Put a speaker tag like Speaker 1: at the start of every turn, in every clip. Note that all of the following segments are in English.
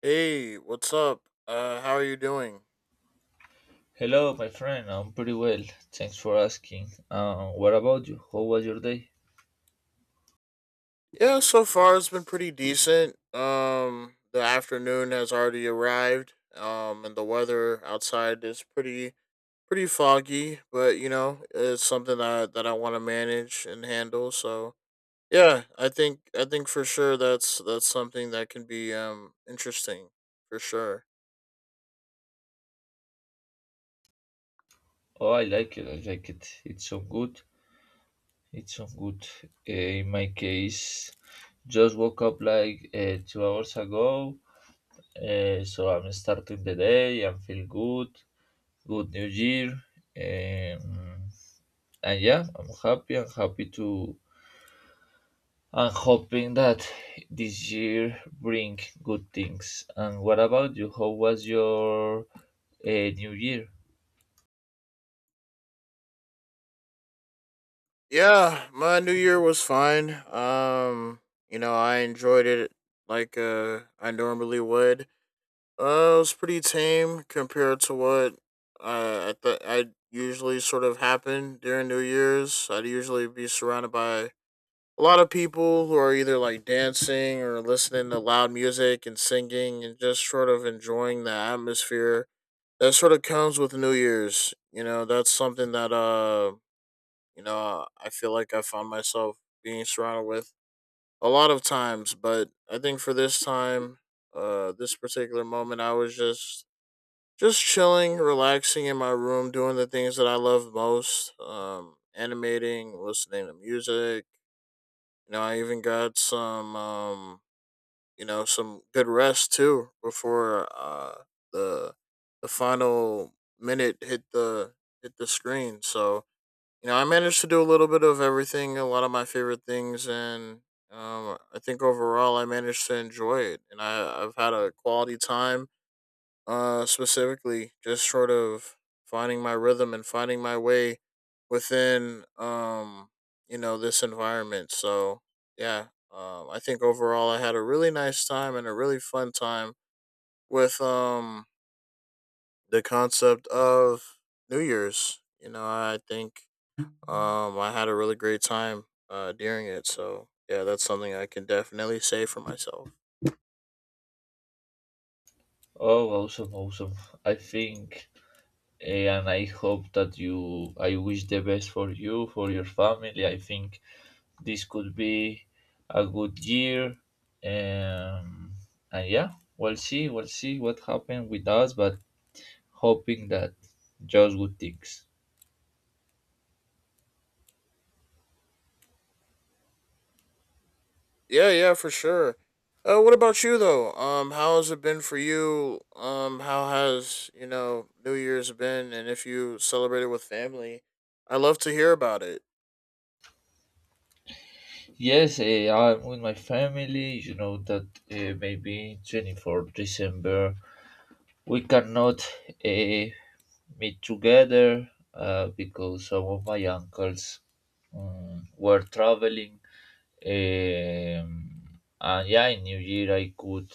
Speaker 1: Hey, what's up? How are you doing?
Speaker 2: Hello, my friend. I'm pretty well. Thanks for asking. What about you? How was your day?
Speaker 1: Yeah, so far it's been pretty decent. The afternoon has already arrived. And the weather outside is pretty foggy, but you know it's something that I want to manage and handle. So yeah, I think for sure that's something that can be interesting for sure.
Speaker 2: Oh, I like it. I like it. It's so good. It's so good. Uh, in my case, just woke up like 2 hours ago. So I'm starting the day. I feel good. Good New Year. Um, and yeah, I'm happy. I'm happy to I'm hoping that this year bring good things. And what about you? How was your new year?
Speaker 1: Yeah, my new year was fine. You know I enjoyed it like I normally would. It was pretty tame compared to what I usually sort of happen during New Year's. I'd usually be surrounded by a lot of people who are either like dancing or listening to loud music and singing and just sort of enjoying the atmosphere that sort of comes with New Year's. You know, that's something that I feel like I found myself being surrounded with a lot of times, but I think for this time, this particular moment, I was just chilling, relaxing in my room, doing the things that I love most. Animating, listening to music. You know, I even got some, some good rest too before the the final minute hit the screen. So you know, I managed to do a little bit of everything, a lot of my favorite things, and I think overall I managed to enjoy it, and I've had a quality time specifically just sort of finding my rhythm and finding my way within you know this environment. So yeah, I think overall I had a really nice time and a really fun time with the concept of New Year's. You know, I think I had a really great time during it. So yeah, that's something I can definitely say for myself.
Speaker 2: Oh, awesome, awesome. I think and I hope that you, I wish the best for you, for your family. I think this could be a good year. Um, and yeah, we'll see what happened with us, but hoping that just good things.
Speaker 1: Yeah, yeah, for sure. What about you though? How has it been for you? How has you know New Year's been, and if you celebrated with family, I love to hear about it.
Speaker 2: Yes, I'm with my family. You know that maybe December 24th we cannot uh, meet together because some of my uncles were traveling. And yeah, in New Year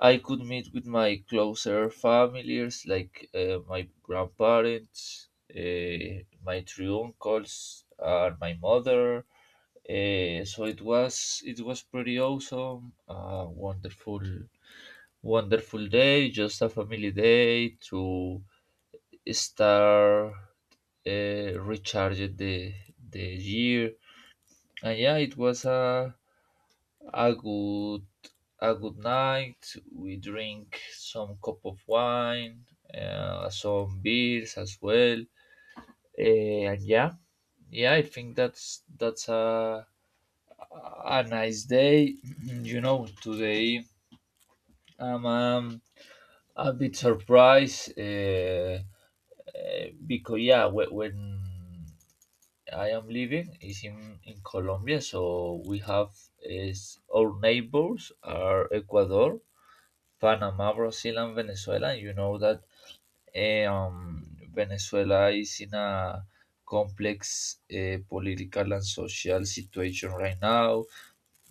Speaker 2: I could meet with my closer families like my grandparents, my three uncles, and my mother so it was pretty awesome. A wonderful wonderful day, just a family day to start recharging the year. And yeah, it was a a good a good night. We drink some cup of wine, some beers as well. And yeah, yeah, I think that's a nice day. You know, today Um, um, a bit surprised because yeah, when I am living is in Colombia, so we have is our neighbors are Ecuador, Panama, Brazil, and Venezuela. You know that eh, um, Venezuela is in a complex political and social situation right now.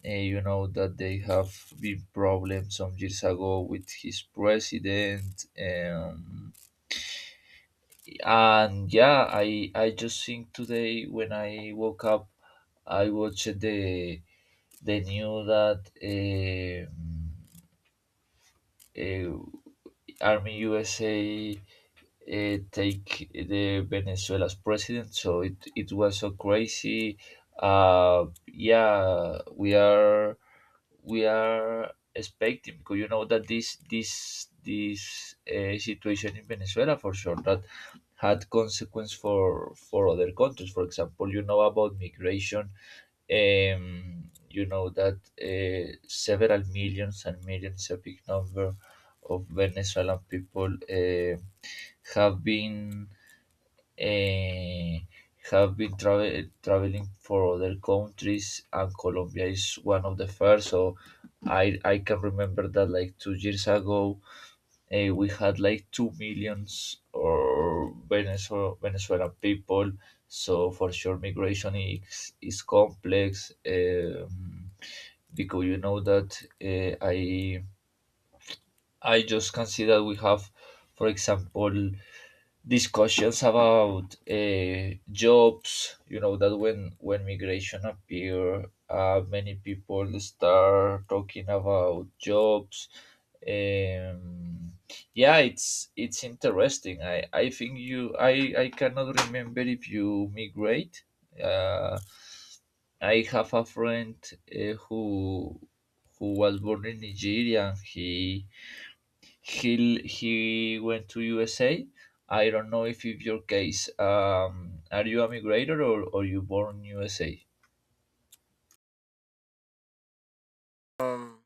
Speaker 2: You know that they have been problems some years ago with his president, and yeah, I just think today when I woke up I watched the news that um, army USA take the Venezuela's president. So it was so crazy. Yeah, we are expecting because you know that this situation in Venezuela for sure that had consequence for other countries. For example, you know about migration. You know that several millions and millions, a big number of Venezuelan people have been uh, have been traveling for other countries, and Colombia is one of the first. So I can remember that like 2 years ago, we had like two millions or Venezuelan people. So for sure, migration is complex. Because you know that uh, I I just can see that we have, for example, discussions about jobs. You know that when migration appear, many people start talking about jobs. Um, yeah, it's interesting. I think you I cannot remember if you migrate. Uh, I have a friend uh, who who was born in Nigeria, and he went to USA. I don't know if it's your case. Are you a migrator, or you born USA?
Speaker 1: Um,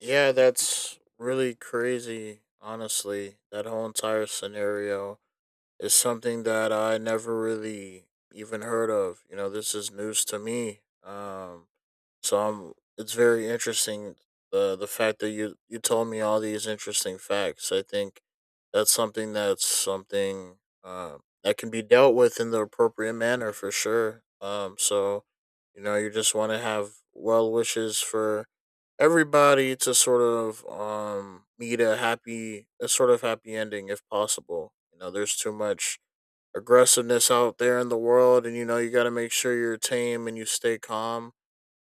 Speaker 1: yeah, that's really crazy. Honestly, that whole entire scenario is something that I never really even heard of. You know, this is news to me. So I it's very interesting the fact that you told me all these interesting facts. I think that's something that can be dealt with in the appropriate manner for sure. So you know you just want to have well wishes for everybody to sort of meet a happy a sort of happy ending if possible. You know there's too much aggressiveness out there in the world, and you know you got to make sure you're tame and you stay calm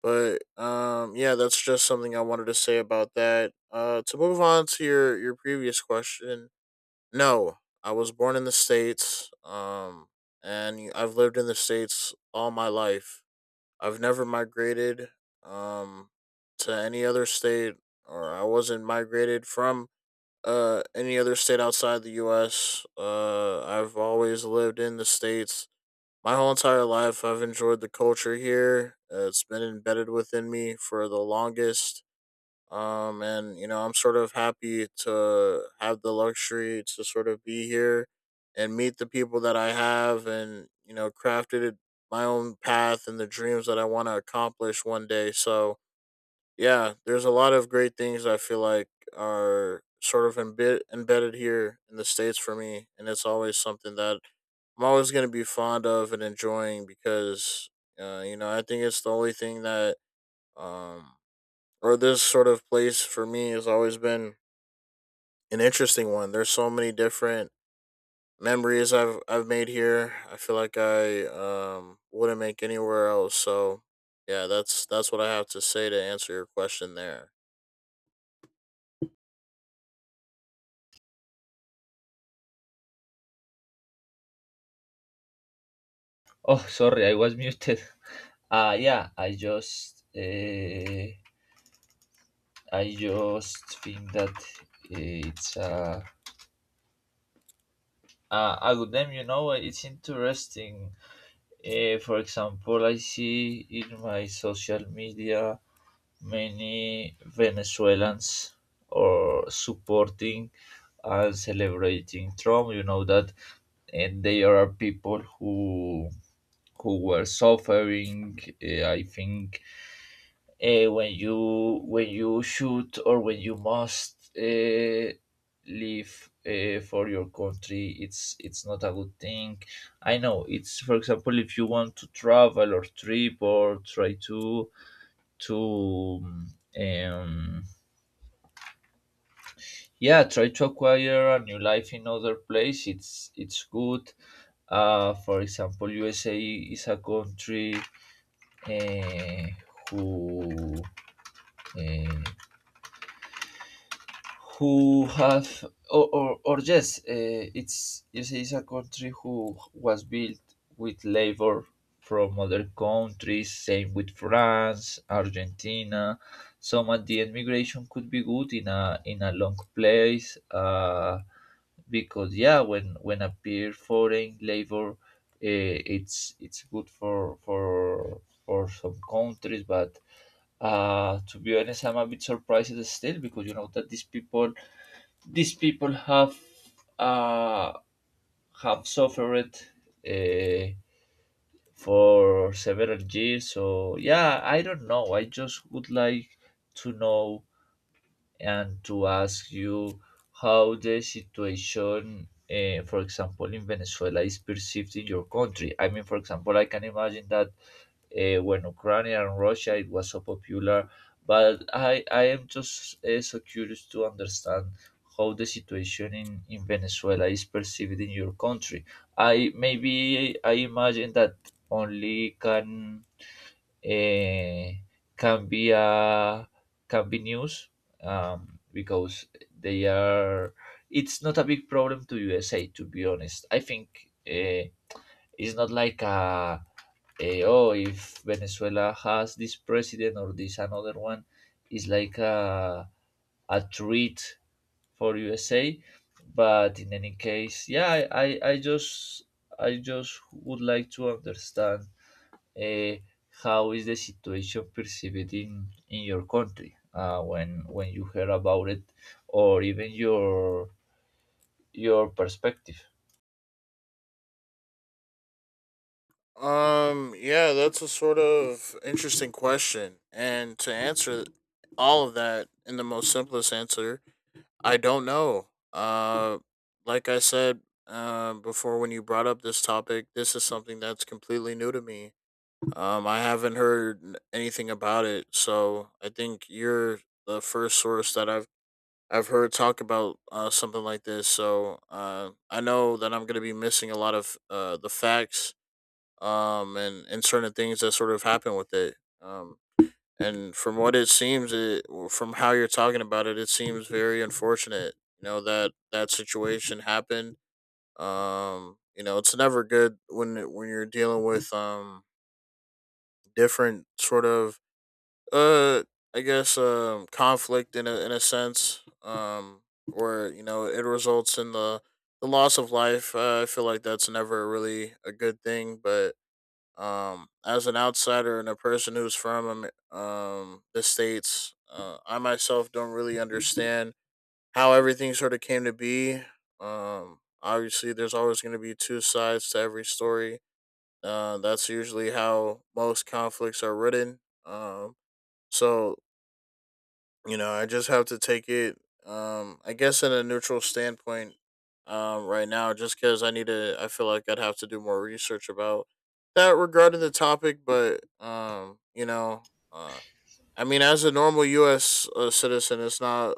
Speaker 1: but yeah, that's just something I wanted to say about that. To move on to your previous question, no, I was born in the states. And I've lived in the states all my life. I've never migrated um to any other state, or I wasn't migrated from any other state outside the U.S. I've always lived in the states my whole entire life. I've enjoyed the culture here. It's been embedded within me for the longest. And, you know, I'm sort of happy to have the luxury to sort of be here and meet the people that I have and, you know, crafted my own path and the dreams that I want to accomplish one day. So, yeah, there's a lot of great things I feel like are sort of embedded here in the States for me. And it's always something that I'm always going to be fond of and enjoying because, you know, I think it's the only thing that, um, or this sort of place for me has always been an interesting one. There's so many different memories I've made here. I feel like I wouldn't make anywhere else. So, yeah, that's what I have to say to answer your question there.
Speaker 2: Oh, sorry, I was muted. Yeah, I just think that it's a good name. You know, it's interesting. For example, I see in my social media many Venezuelans are supporting and celebrating Trump. You know that, and there are people who were suffering. I think when you should or when you must live for your country, it's not a good thing. I know it's, for example, if you want to travel or trip or try to to um, yeah try to acquire a new life in other place, it's good. For example, USA is a country, uh, who uh, who have or yes, it's, yes, it's a country who was built with labor from other countries. Same with France, Argentina. Some at the end migration could be good in a long place. Because yeah, when appear foreign labor, it's good for some countries, but to be honest, I'm a bit surprised still because you know that these people uh, have suffered uh, for several years. So yeah, I don't know. I just would like to know and to ask you how the situation, for example, in Venezuela is perceived in your country. I mean, for example, I can imagine that when Ukraine and Russia, it was so popular. But I am just so curious to understand how the situation in Venezuela is perceived in your country. I maybe I imagine that only can eh, can be uh, can be news, because they are. It's not a big problem to USA, to be honest. I think it's not like a oh, if Venezuela has this president or this another one, it's like a treat for USA. But in any case, yeah, I, I just I just would like to understand uh, how is the situation perceived in your country when you hear about it, or even your perspective.
Speaker 1: Yeah, that's a sort of interesting question, and to answer all of that in the most simplest answer, I don't know. Like I said before, when you brought up this topic, this is something that's completely new to me. I haven't heard anything about it, so I think you're the first source that I've heard talk about something like this. So I know that I'm gonna be missing a lot of the facts and certain things that sort of happen with it. And from what it seems, it from how you're talking about it, it seems very unfortunate. You know that that situation happened. You know it's never good when when you're dealing with different sort of uh I guess conflict in a sense where you know it results in the loss of life. I feel like that's never really a good thing, but as an outsider and a person who's from the states, I myself don't really understand how everything sort of came to be. Obviously, there's always going to be two sides to every story. That's usually how most conflicts are written. So you know, I just have to take it. I guess in a neutral standpoint, right now, just because I need to, I feel like I'd have to do more research about that regarding the topic. But you know, I mean, as a normal U.S. Citizen, it's not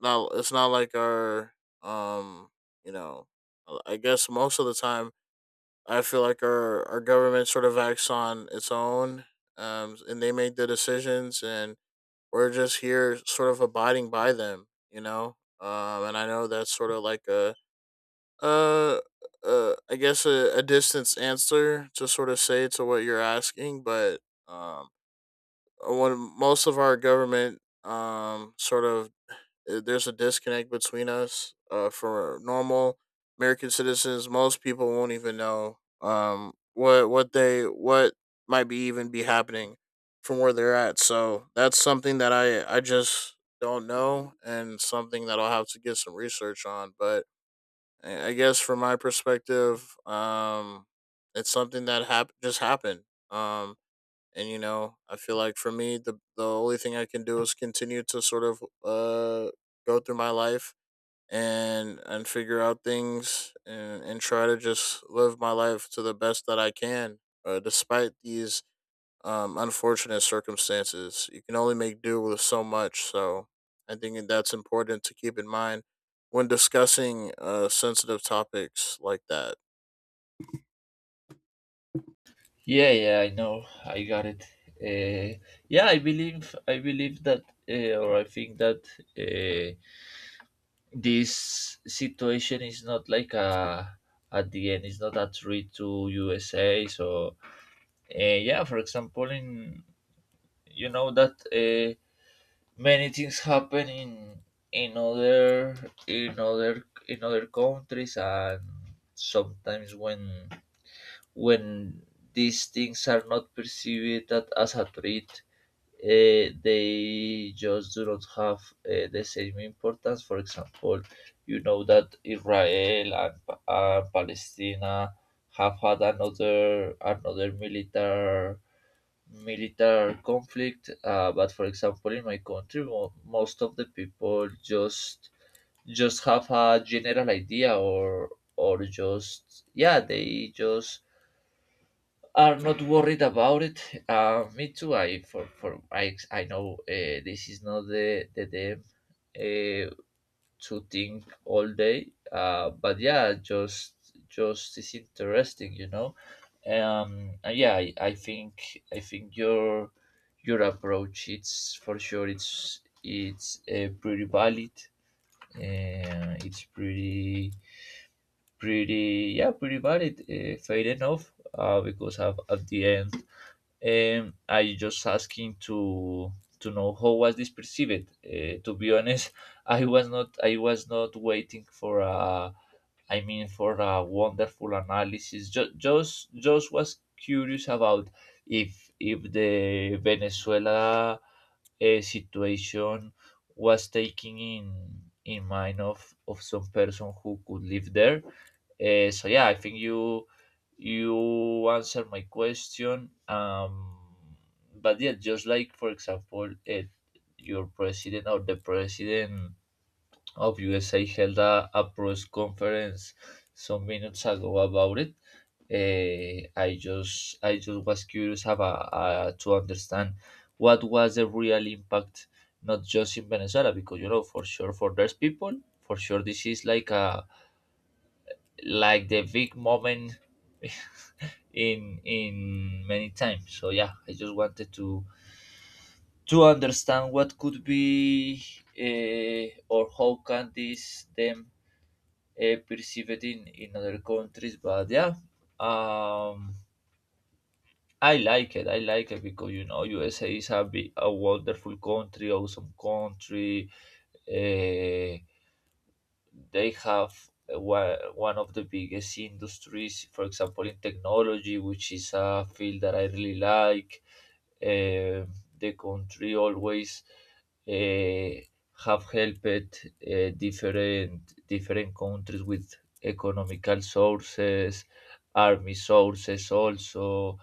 Speaker 1: not it's not like our um, you know, I guess most of the time, I feel like our government sort of acts on its own, and they make the decisions and we're just here sort of abiding by them, you know? And I know that's sort of like uh, I guess a distance answer to sort of say to what you're asking, but, um, when most of our government, sort of there's a disconnect between us. For normal American citizens, most people won't even know what might be even be happening from where they're at. So that's something that I just don't know, and something that I'll have to get some research on. But I guess from my perspective, it's something that just happened. Um, and you know I feel like for me the only thing I can do is continue to sort of go through my life and figure out things and try to just live my life to the best that I can despite these unfortunate circumstances. You can only make do with so much, so I think that's important to keep in mind when discussing sensitive topics like that.
Speaker 2: Yeah, yeah, I know, I got it. Uh, yeah, I believe that or I think that uh, this situation is not like a, at the end it's not a threat to USA. So uh, yeah, for example in, you know that many things happen in in other in other countries, and sometimes when when these things are not perceived that as a threat, they just do not have the same importance. For example, you know that Israel and Palestina have had another military conflict. But for example, in my country, most of the people just have a general idea, or just yeah, they just are not worried about it. Me too. I for I I know, this is not the the them uh, to think all day. But yeah, just is interesting, you know. Yeah I think your approach, it's for sure, it's pretty valid, it's pretty valid, fair enough, because at the end, I just asking to know how was this perceived. To be honest, I was not waiting for a, I mean for a wonderful analysis. Just was curious about if the Venezuela situation was taking in mind of some person who could live there. So yeah, I think you you answer my question. But yeah, just like for example, it, your president or the president of USA held a press conference some minutes ago about it. I just was curious about to understand what was the real impact, not just in Venezuela, because you know for sure for those people, for sure this is like a like the big moment in many times. So yeah, I just wanted to understand what could be, or how can this them perceive it in other countries. But yeah, um, I like it. I like it because you know USA is a big, a wonderful country, awesome country. Uh, they have one of the biggest industries, for example, in technology, which is a field that I really like. Um the country always uh, have helped different different countries with economical sources, army sources also.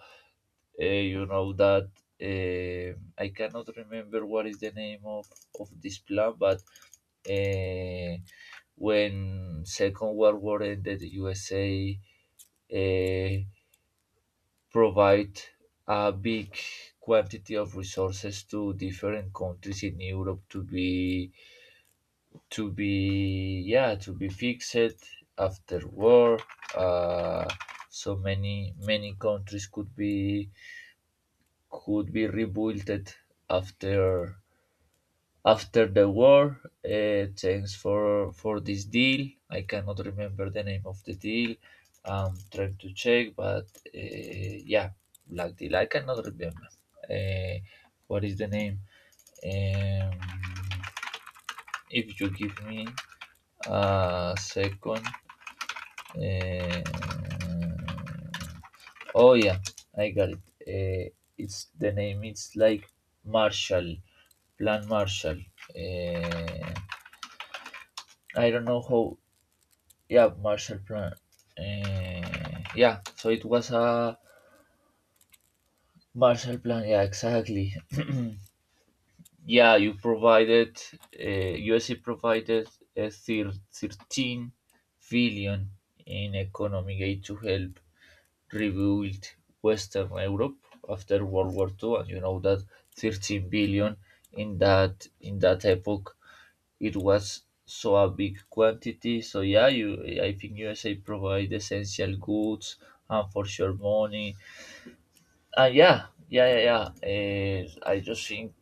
Speaker 2: Uh, you know that uh, I cannot remember what is the name of this plan, but uh, when Second World War ended, USA uh, provide a big quantity of resources to different countries in Europe to be to be fixed after war. Uh, so many many countries could be rebuilt after after the war. Thanks for this deal. I cannot remember the name of the deal. I'm trying to check, but yeah, black deal. I cannot remember. Uh, what is the name? Um, if you give me a second. Uh, oh yeah, I got it. It's the name. It's like Marshall, Plan Marshall. Uh, I don't know how. Yeah, Marshall Plan. Yeah, so it was a Marshall Plan. Yeah, exactly. Yeah, you provided uh, USA provided 13 billion in economic aid to help rebuild Western Europe after World War II, and you know that 13 billion in that epoch it was so a big quantity. So yeah, you I think USA provide essential goods, and for sure money. And yeah, yeah, yeah, yeah. I just think,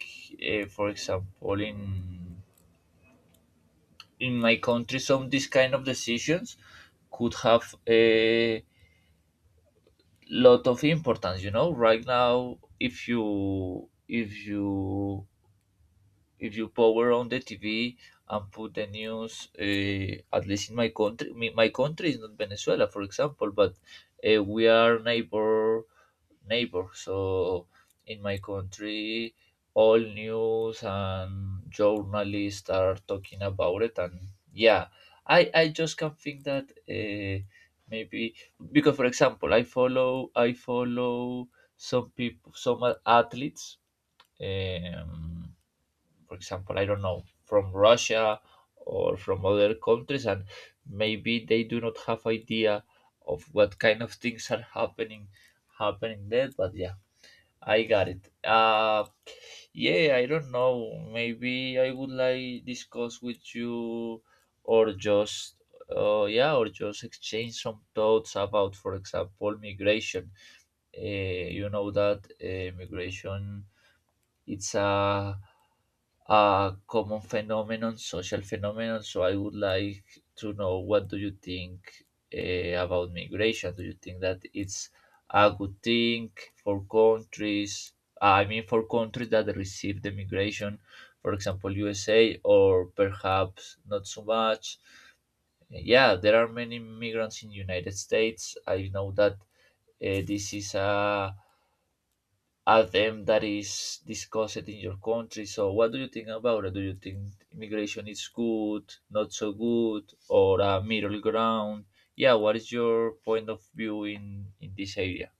Speaker 2: for example, in my country, some this kind of decisions could have a lot of importance. You know, right now, if you if you power on the TV and put the news, at least in my country, my country is not Venezuela, for example, but we are neighbor. So in my country, all news and journalists are talking about it, and yeah, I just can't think that maybe because for example, I follow some people, some athletes. Um, for example, I don't know, from Russia or from other countries, and maybe they do not have idea of what kind of things are happening there. But yeah, I got it. Yeah, I don't know. Maybe I would like discuss with you, or just yeah, or just exchange some thoughts about, for example, migration. Uh, you know that migration it's a common phenomenon, social phenomenon. So I would like to know what do you think about migration? Do you think that it's a good thing for countries? I mean, for countries that receive the migration, for example, USA, or perhaps not so much. Yeah, there are many migrants in United States. I know that this is a at them that is discussed in your country. So, what do you think about it? Do you think immigration is good, not so good, or a middle ground? Yeah, what is your point of view in this area?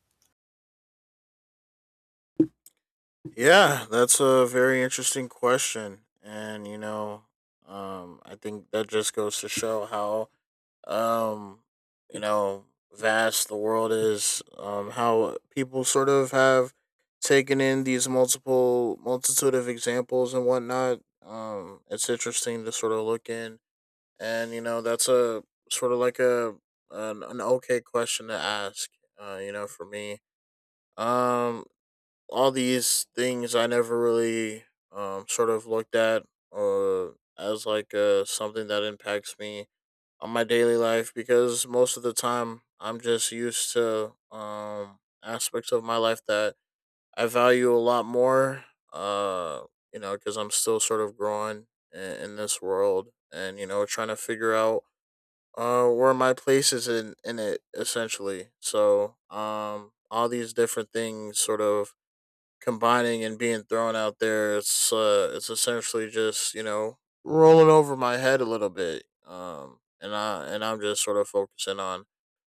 Speaker 1: Yeah, that's a very interesting question. And, you know, I think that just goes to show how, um, you know, vast the world is, how people sort of have taken in these multiple, multitude of examples and whatnot. It's interesting to sort of look in. And, you know, that's a sort of like an okay question to ask, you know, for me. Um, all these things I never really sort of looked at uh as like something that impacts me on my daily life because most of the time I'm just used to aspects of my life that I value a lot more uh you know because I'm still sort of growing in this world and you know trying to figure out where my place is in it essentially. So all these different things sort of combining and being thrown out there, it's essentially just you know rolling over my head a little bit. And I'm just sort of focusing on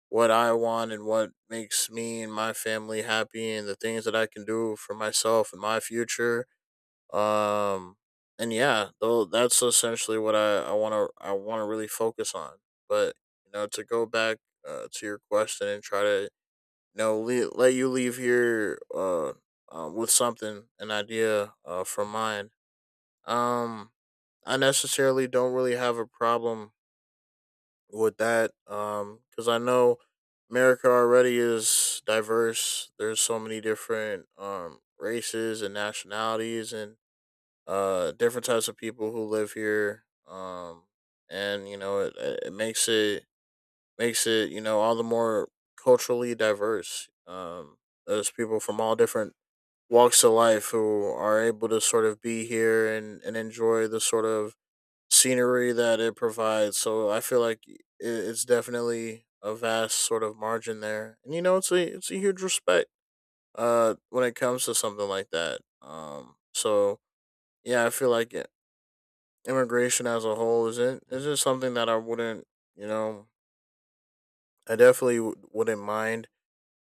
Speaker 1: what I want and what makes me and my family happy and the things that I can do for myself and my future. Um, and yeah, though that's essentially what I want to really focus on. But you know, to go back to your question and try to know let you leave here with something, an idea from mine, um I necessarily don't really have a problem with that because I know America already is diverse. There's so many different races and nationalities and different types of people who live here and you know it makes it you know all the more culturally diverse. There's people from all different walks of life who are able to sort of be here and enjoy the sort of scenery that it provides. So I feel like it's definitely a vast sort of margin there, and you know it's a huge respect when it comes to something like that. So yeah, I feel like immigration as a whole isn't something that I wouldn't, you know, I definitely wouldn't mind.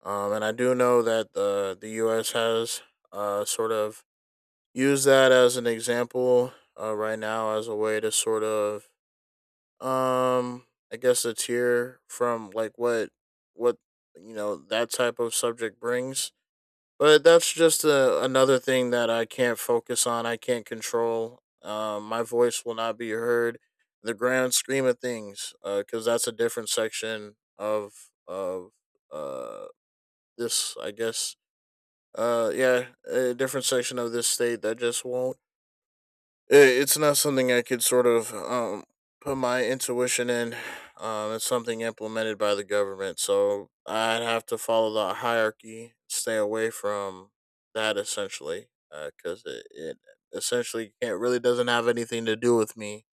Speaker 1: And I do know that the U.S. has sort of used that as an example right now as a way to sort of, um, I guess, a tier from like what you know that type of subject brings. But that's just another thing that I can't focus on. I can't control. My voice will not be heard. The grand scheme of things, because that's a different section of uh, this, I guess, yeah, a different section of this state that just won't, it, it's not something I could sort of put my intuition in. Um, it's something implemented by the government, so I'd have to follow the hierarchy, stay away from that essentially, because it essentially can't really, doesn't have anything to do with me.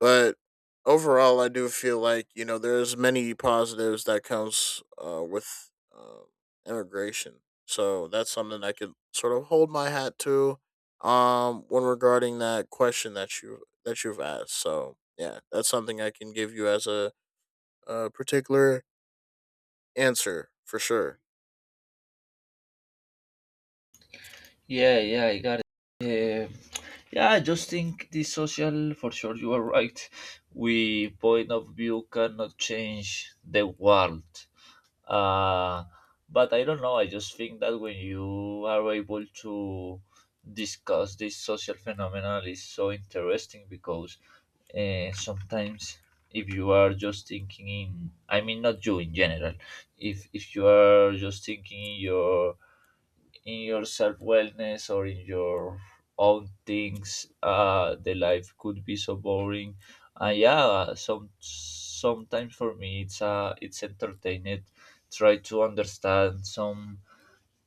Speaker 1: But overall, I do feel like, you know, there's many positives that comes with uh, immigration. So that's something I could sort of hold my hat to when regarding that question that you've asked. So yeah, that's something I can give you as a particular answer for sure.
Speaker 2: Yeah, yeah, I got it. Uh, yeah, I just think the social, for sure, you are right. We point of view cannot change the world. uh, but I don't know, I just think that when you are able to discuss this social phenomenon is so interesting because sometimes if you are just thinking in, I mean, not you in general, if you are just thinking in your self wellness or in your own things, the life could be so boring. And yeah, sometimes for me it's entertaining try to understand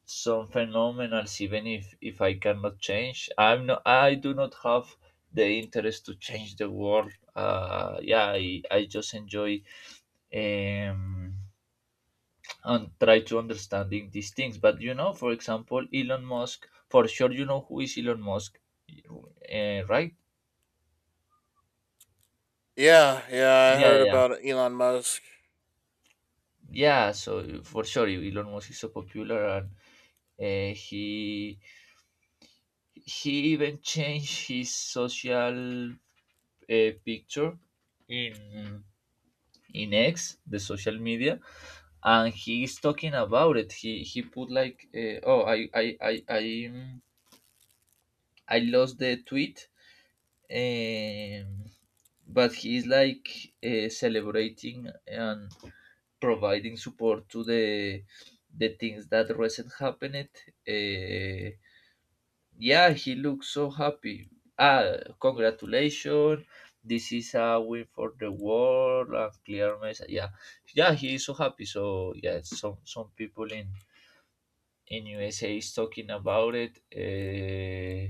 Speaker 2: some phenomenals, even if I cannot change, I'm not, I do not have the interest to change the world. Yeah, I just enjoy um and try to understanding these things. But you know, for example, Elon Musk. For sure, you know who is Elon Musk, right?
Speaker 1: Yeah, yeah, I
Speaker 2: Yeah,
Speaker 1: heard
Speaker 2: yeah, yeah.
Speaker 1: about Elon Musk.
Speaker 2: Yeah, so for sure, Elon Musk is so popular, and uh, he he even changed his social picture in in X, the social media, and he is talking about it. He put like, oh, I I lost the tweet. Um, but he is like celebrating and providing support to the things that recent happened. Uh, yeah, he looks so happy. Ah, congratulations! This is a win for the world. A clear message. Yeah, yeah, he is so happy. So yeah, some people in USA is talking about it. Uh,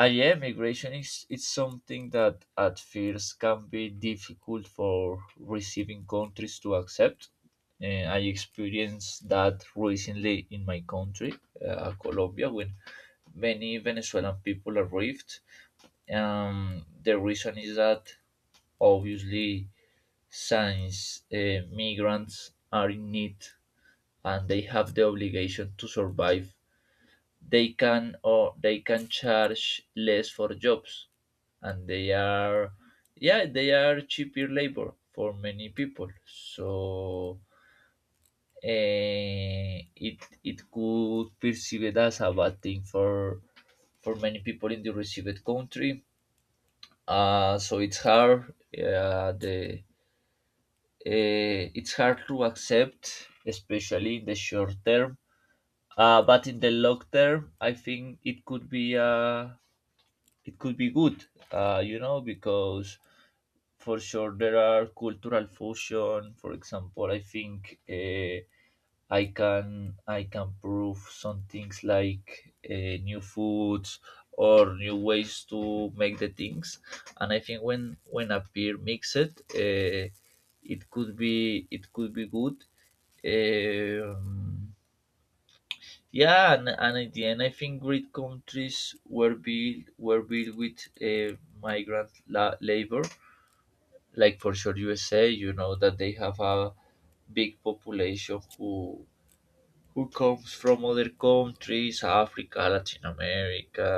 Speaker 2: uh, Yeah, migration is something that at first can be difficult for receiving countries to accept. Uh, I experienced that recently in my country, Colombia, when many Venezuelan people arrived. The reason is that obviously, since migrants are in need and they have the obligation to survive, they can, or they can charge less for jobs, and they are, yeah, they are cheaper labor for many people. So eh, it could perceive it as a bad thing for many people in the received country. So it's hard, the it's hard to accept, especially in the short term. But in the long term, I think it could be a, it could be good, you know, because for sure there are cultural fusion. For example, I think I can prove some things like new foods or new ways to make the things, and I think when a peer mix it, it could be, it could be good. Um yeah, and at the end, I think great countries were built with migrant labor. Like for sure, USA, you know that they have a big population who comes from other countries, Africa, Latin America,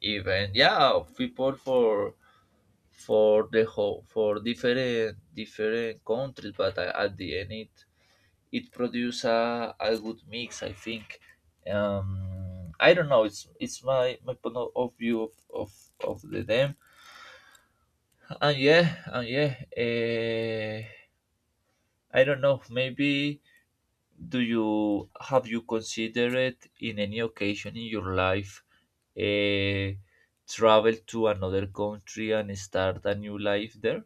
Speaker 2: even yeah, people for the whole for different countries. But at the end, it produce a good mix, I think. I don't know, it's my my point of view of the them. And yeah, and yeah, uh, I don't know, maybe do you have you considered in any occasion in your life uh, travel to another country and start a new life there?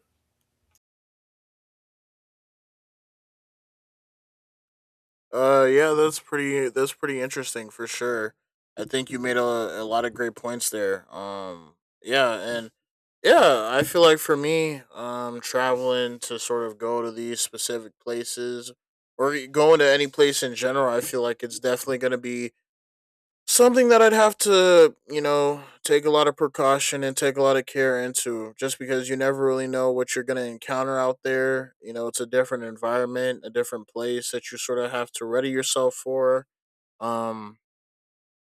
Speaker 1: Yeah, that's pretty. That's pretty interesting for sure. I think you made a lot of great points there. Yeah, and yeah, I feel like for me, traveling to sort of go to these specific places or going to any place in general, I feel like it's definitely going to be something that I'd have to, you know, take a lot of precaution and take a lot of care into, just because you never really know what you're going to encounter out there. You know, it's a different environment, a different place that you sort of have to ready yourself for. Um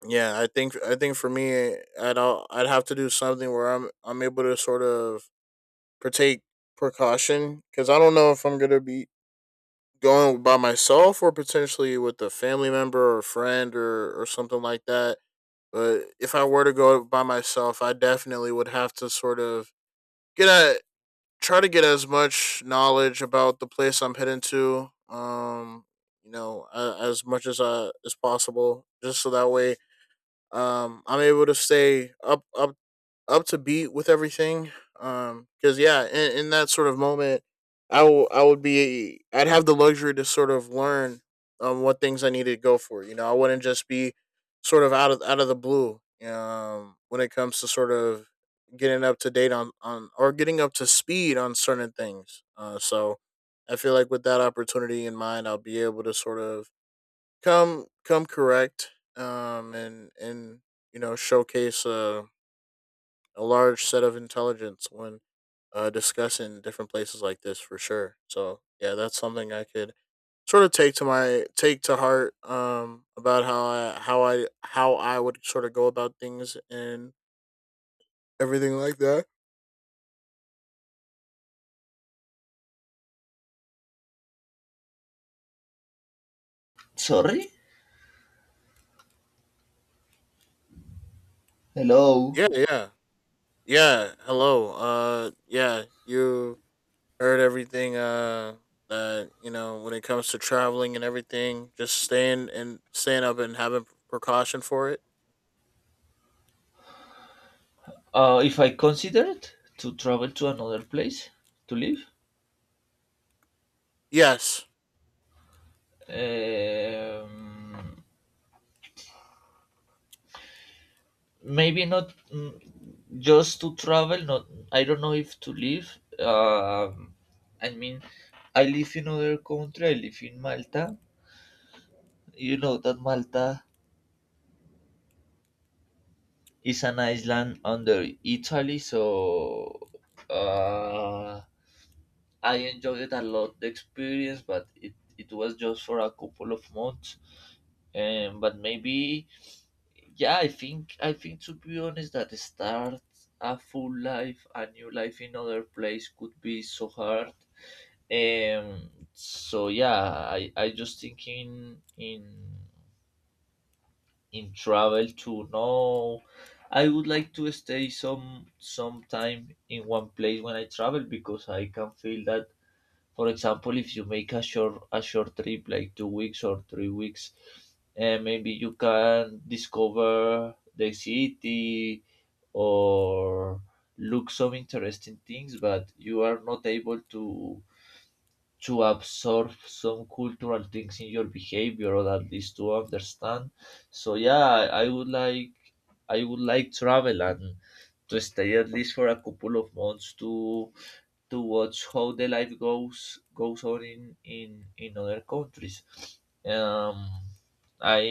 Speaker 1: yeah, I think for me, I'd have to do something where I'm able to sort of partake precaution, cuz I don't know if I'm going to be going by myself or potentially with a family member or friend, or something like that. But if I were to go by myself, I definitely would have to sort of get at try to get as much knowledge about the place I'm heading to. You know, a as much as possible, just so that way, I'm able to stay up to beat with everything. Because yeah, in that sort of moment, I would be I'd have the luxury to sort of learn what things I needed to go for. You know, I wouldn't just be sort of out of the blue. When it comes to sort of getting up to date on or getting up to speed on certain things. So I feel like with that opportunity in mind, I'll be able to sort of come correct. And you know, showcase a large set of intelligence when discussing different places like this for sure. So yeah, that's something I could sort of take to heart, about how I would sort of go about things and everything like that.
Speaker 2: Sorry. Hello.
Speaker 1: Yeah, yeah, yeah. Hello. Yeah, you heard everything. That you know, when it comes to traveling and everything, just staying and staying up and having precaution for it.
Speaker 2: If I considered to travel to another place to live.
Speaker 1: Yes.
Speaker 2: Um, Maybe not, just to travel. Not, I don't know if to live. Um, I mean, I live in other country. I live in Malta. You know that Malta is an island under Italy, so uh, I enjoyed it a lot the experience, but it was just for a couple of months. But maybe, yeah, I think to be honest that start a full life, a new life in other place could be so hard. So yeah, I just thinking in travel to know. I would like to stay some time in one place when I travel, because I can feel that, for example, if you make a short trip like 2 weeks or 3 weeks, and maybe you can discover the city or look some interesting things, but you are not able to absorb some cultural things in your behavior, or at least to understand. So yeah, I would like, I would like travel and to stay at least for a couple of months to watch how the life goes on in in other countries. Um, I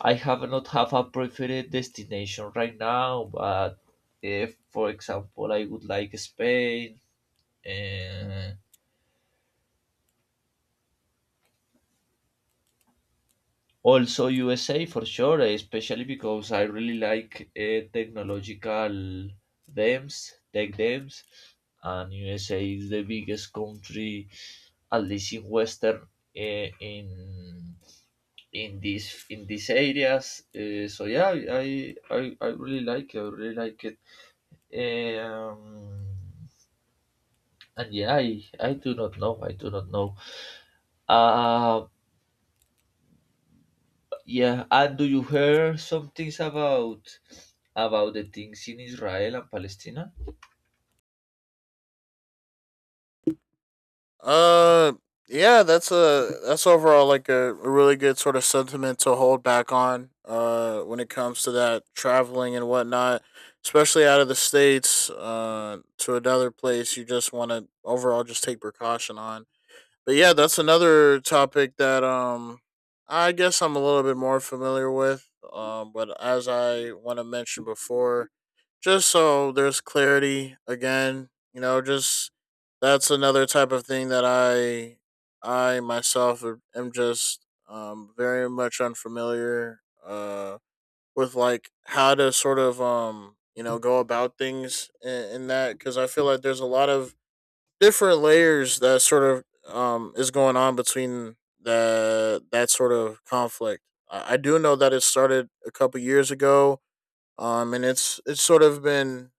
Speaker 2: I have not have a preferred destination right now, but if, for example, I would like Spain, uh, also USA for sure, especially because I really like technological dams, tech dams, and USA is the biggest country, at least in Western, in in these areas. So yeah, I really like it. I really like it. Eh, Um, and yeah, I do not know. I do not know. Uh, Yeah, and do you hear some things about the things in Israel and Palestine?
Speaker 1: Uh, yeah, that's a, that's overall like a really good sort of sentiment to hold back on. When it comes to that traveling and whatnot, especially out of the states, to another place, you just want to overall just take precaution on. But yeah, that's another topic that I guess I'm a little bit more familiar with. But as I want to mention before, just so there's clarity again, you know, just that's another type of thing that I myself am just very much unfamiliar with, like, how to sort of um, you know, go about things in that, because I feel like there's a lot of different layers that sort of is going on between the that sort of conflict. I do know that it started a couple years ago, um, and it's sort of been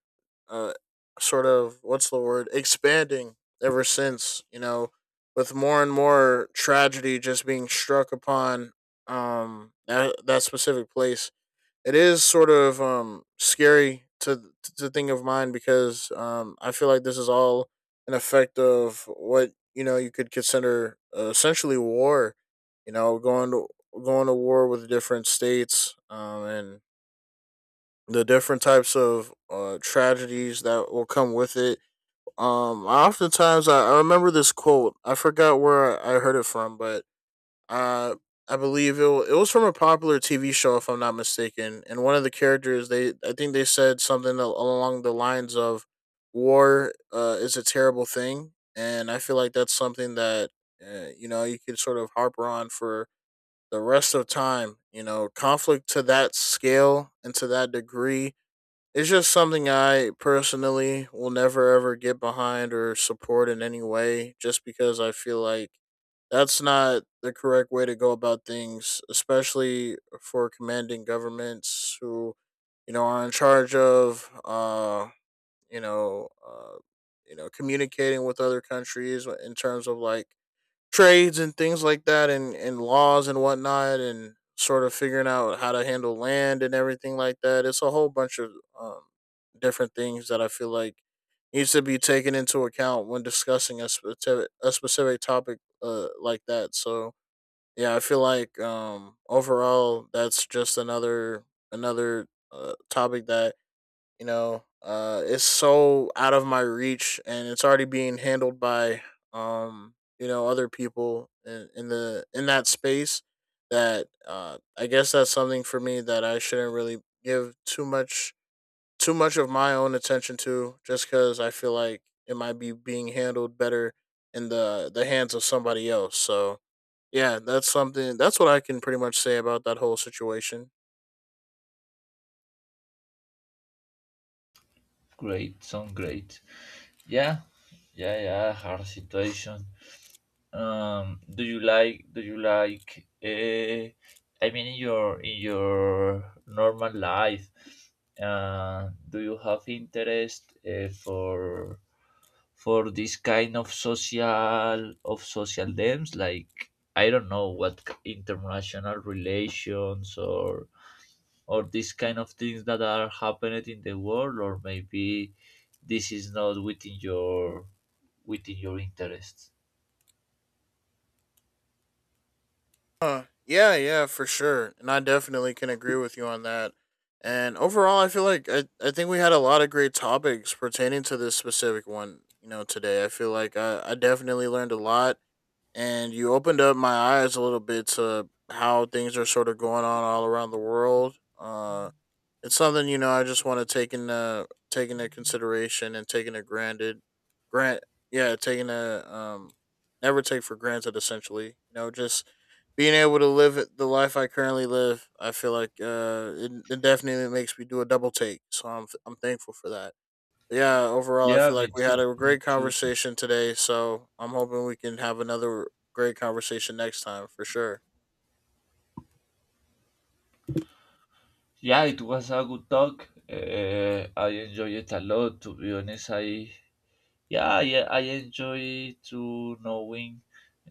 Speaker 1: uh, sort of, what's the word, expanding ever since, you know, with more and more tragedy just being struck upon, um, that specific place. It is sort of scary to think of mine, because I feel like this is all an effect of what, you know, you could consider essentially war, you know, going to war with different states, um, and the different types of tragedies that will come with it. Oftentimes I remember this quote. I forgot where I heard it from, but uh, I believe it was from a popular TV show, if I'm not mistaken. And one of the characters, they I think they said something along the lines of "war is a terrible thing," and I feel like that's something that you know, you could sort of harper on for the rest of time. You know, conflict to that scale and to that degree, it's just something I personally will never ever get behind or support in any way, just because I feel like that's not the correct way to go about things, especially for commanding governments who, you know, are in charge of, you know, uh, you know, communicating with other countries in terms of like trades and things like that, and laws and whatnot, and sort of figuring out how to handle land and everything like that. It's a whole bunch of um, different things that I feel like needs to be taken into account when discussing a a specific topic like that. So yeah, I feel like overall that's just another topic that, you know, it's so out of my reach, and it's already being handled by you know, other people in the in that space. That I guess that's something for me that I shouldn't really give too much of my own attention to, just because I feel like it might be being handled better in the hands of somebody else. So yeah, that's something. That's what I can pretty much say about that whole situation.
Speaker 2: Great, sound great. Yeah, yeah, yeah. Hard situation. Do you like? Do you like? I mean, in your normal life, do you have interest for this kind of social dams, like, I don't know what, international relations or these kind of things that are happening in the world, or maybe this is not within your within your interests?
Speaker 1: Yeah, yeah, for sure. And I definitely can agree with you on that. And overall, I feel like I think we had a lot of great topics pertaining to this specific one, you know, today. I feel like I definitely learned a lot, and you opened up my eyes a little bit to how things are sort of going on all around the world. It's something, you know. I just want to take in, take into consideration and taking it granted, grant yeah, taking a never take for granted. Essentially, you know, just being able to live the life I currently live. I feel like it definitely makes me do a double take. So I'm thankful for that. Yeah, overall, I
Speaker 2: Yeah,
Speaker 1: feel
Speaker 2: me
Speaker 1: like we had
Speaker 2: too,
Speaker 1: a
Speaker 2: me
Speaker 1: great
Speaker 2: too.
Speaker 1: conversation today. So I'm hoping we can have another great conversation next time for sure.
Speaker 2: Yeah, it was a good talk. I enjoy it a lot, to be honest. I Yeah, yeah, I enjoy to knowing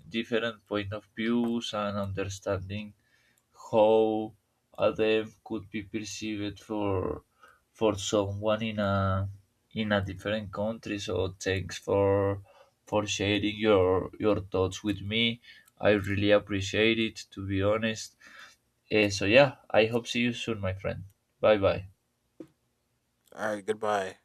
Speaker 2: different point of views and understanding how a dev could be perceived for someone in a different country. So thanks for sharing your thoughts with me. I really appreciate it, to be honest. So yeah, I hope see you soon, my friend. Bye bye.
Speaker 1: All right, goodbye.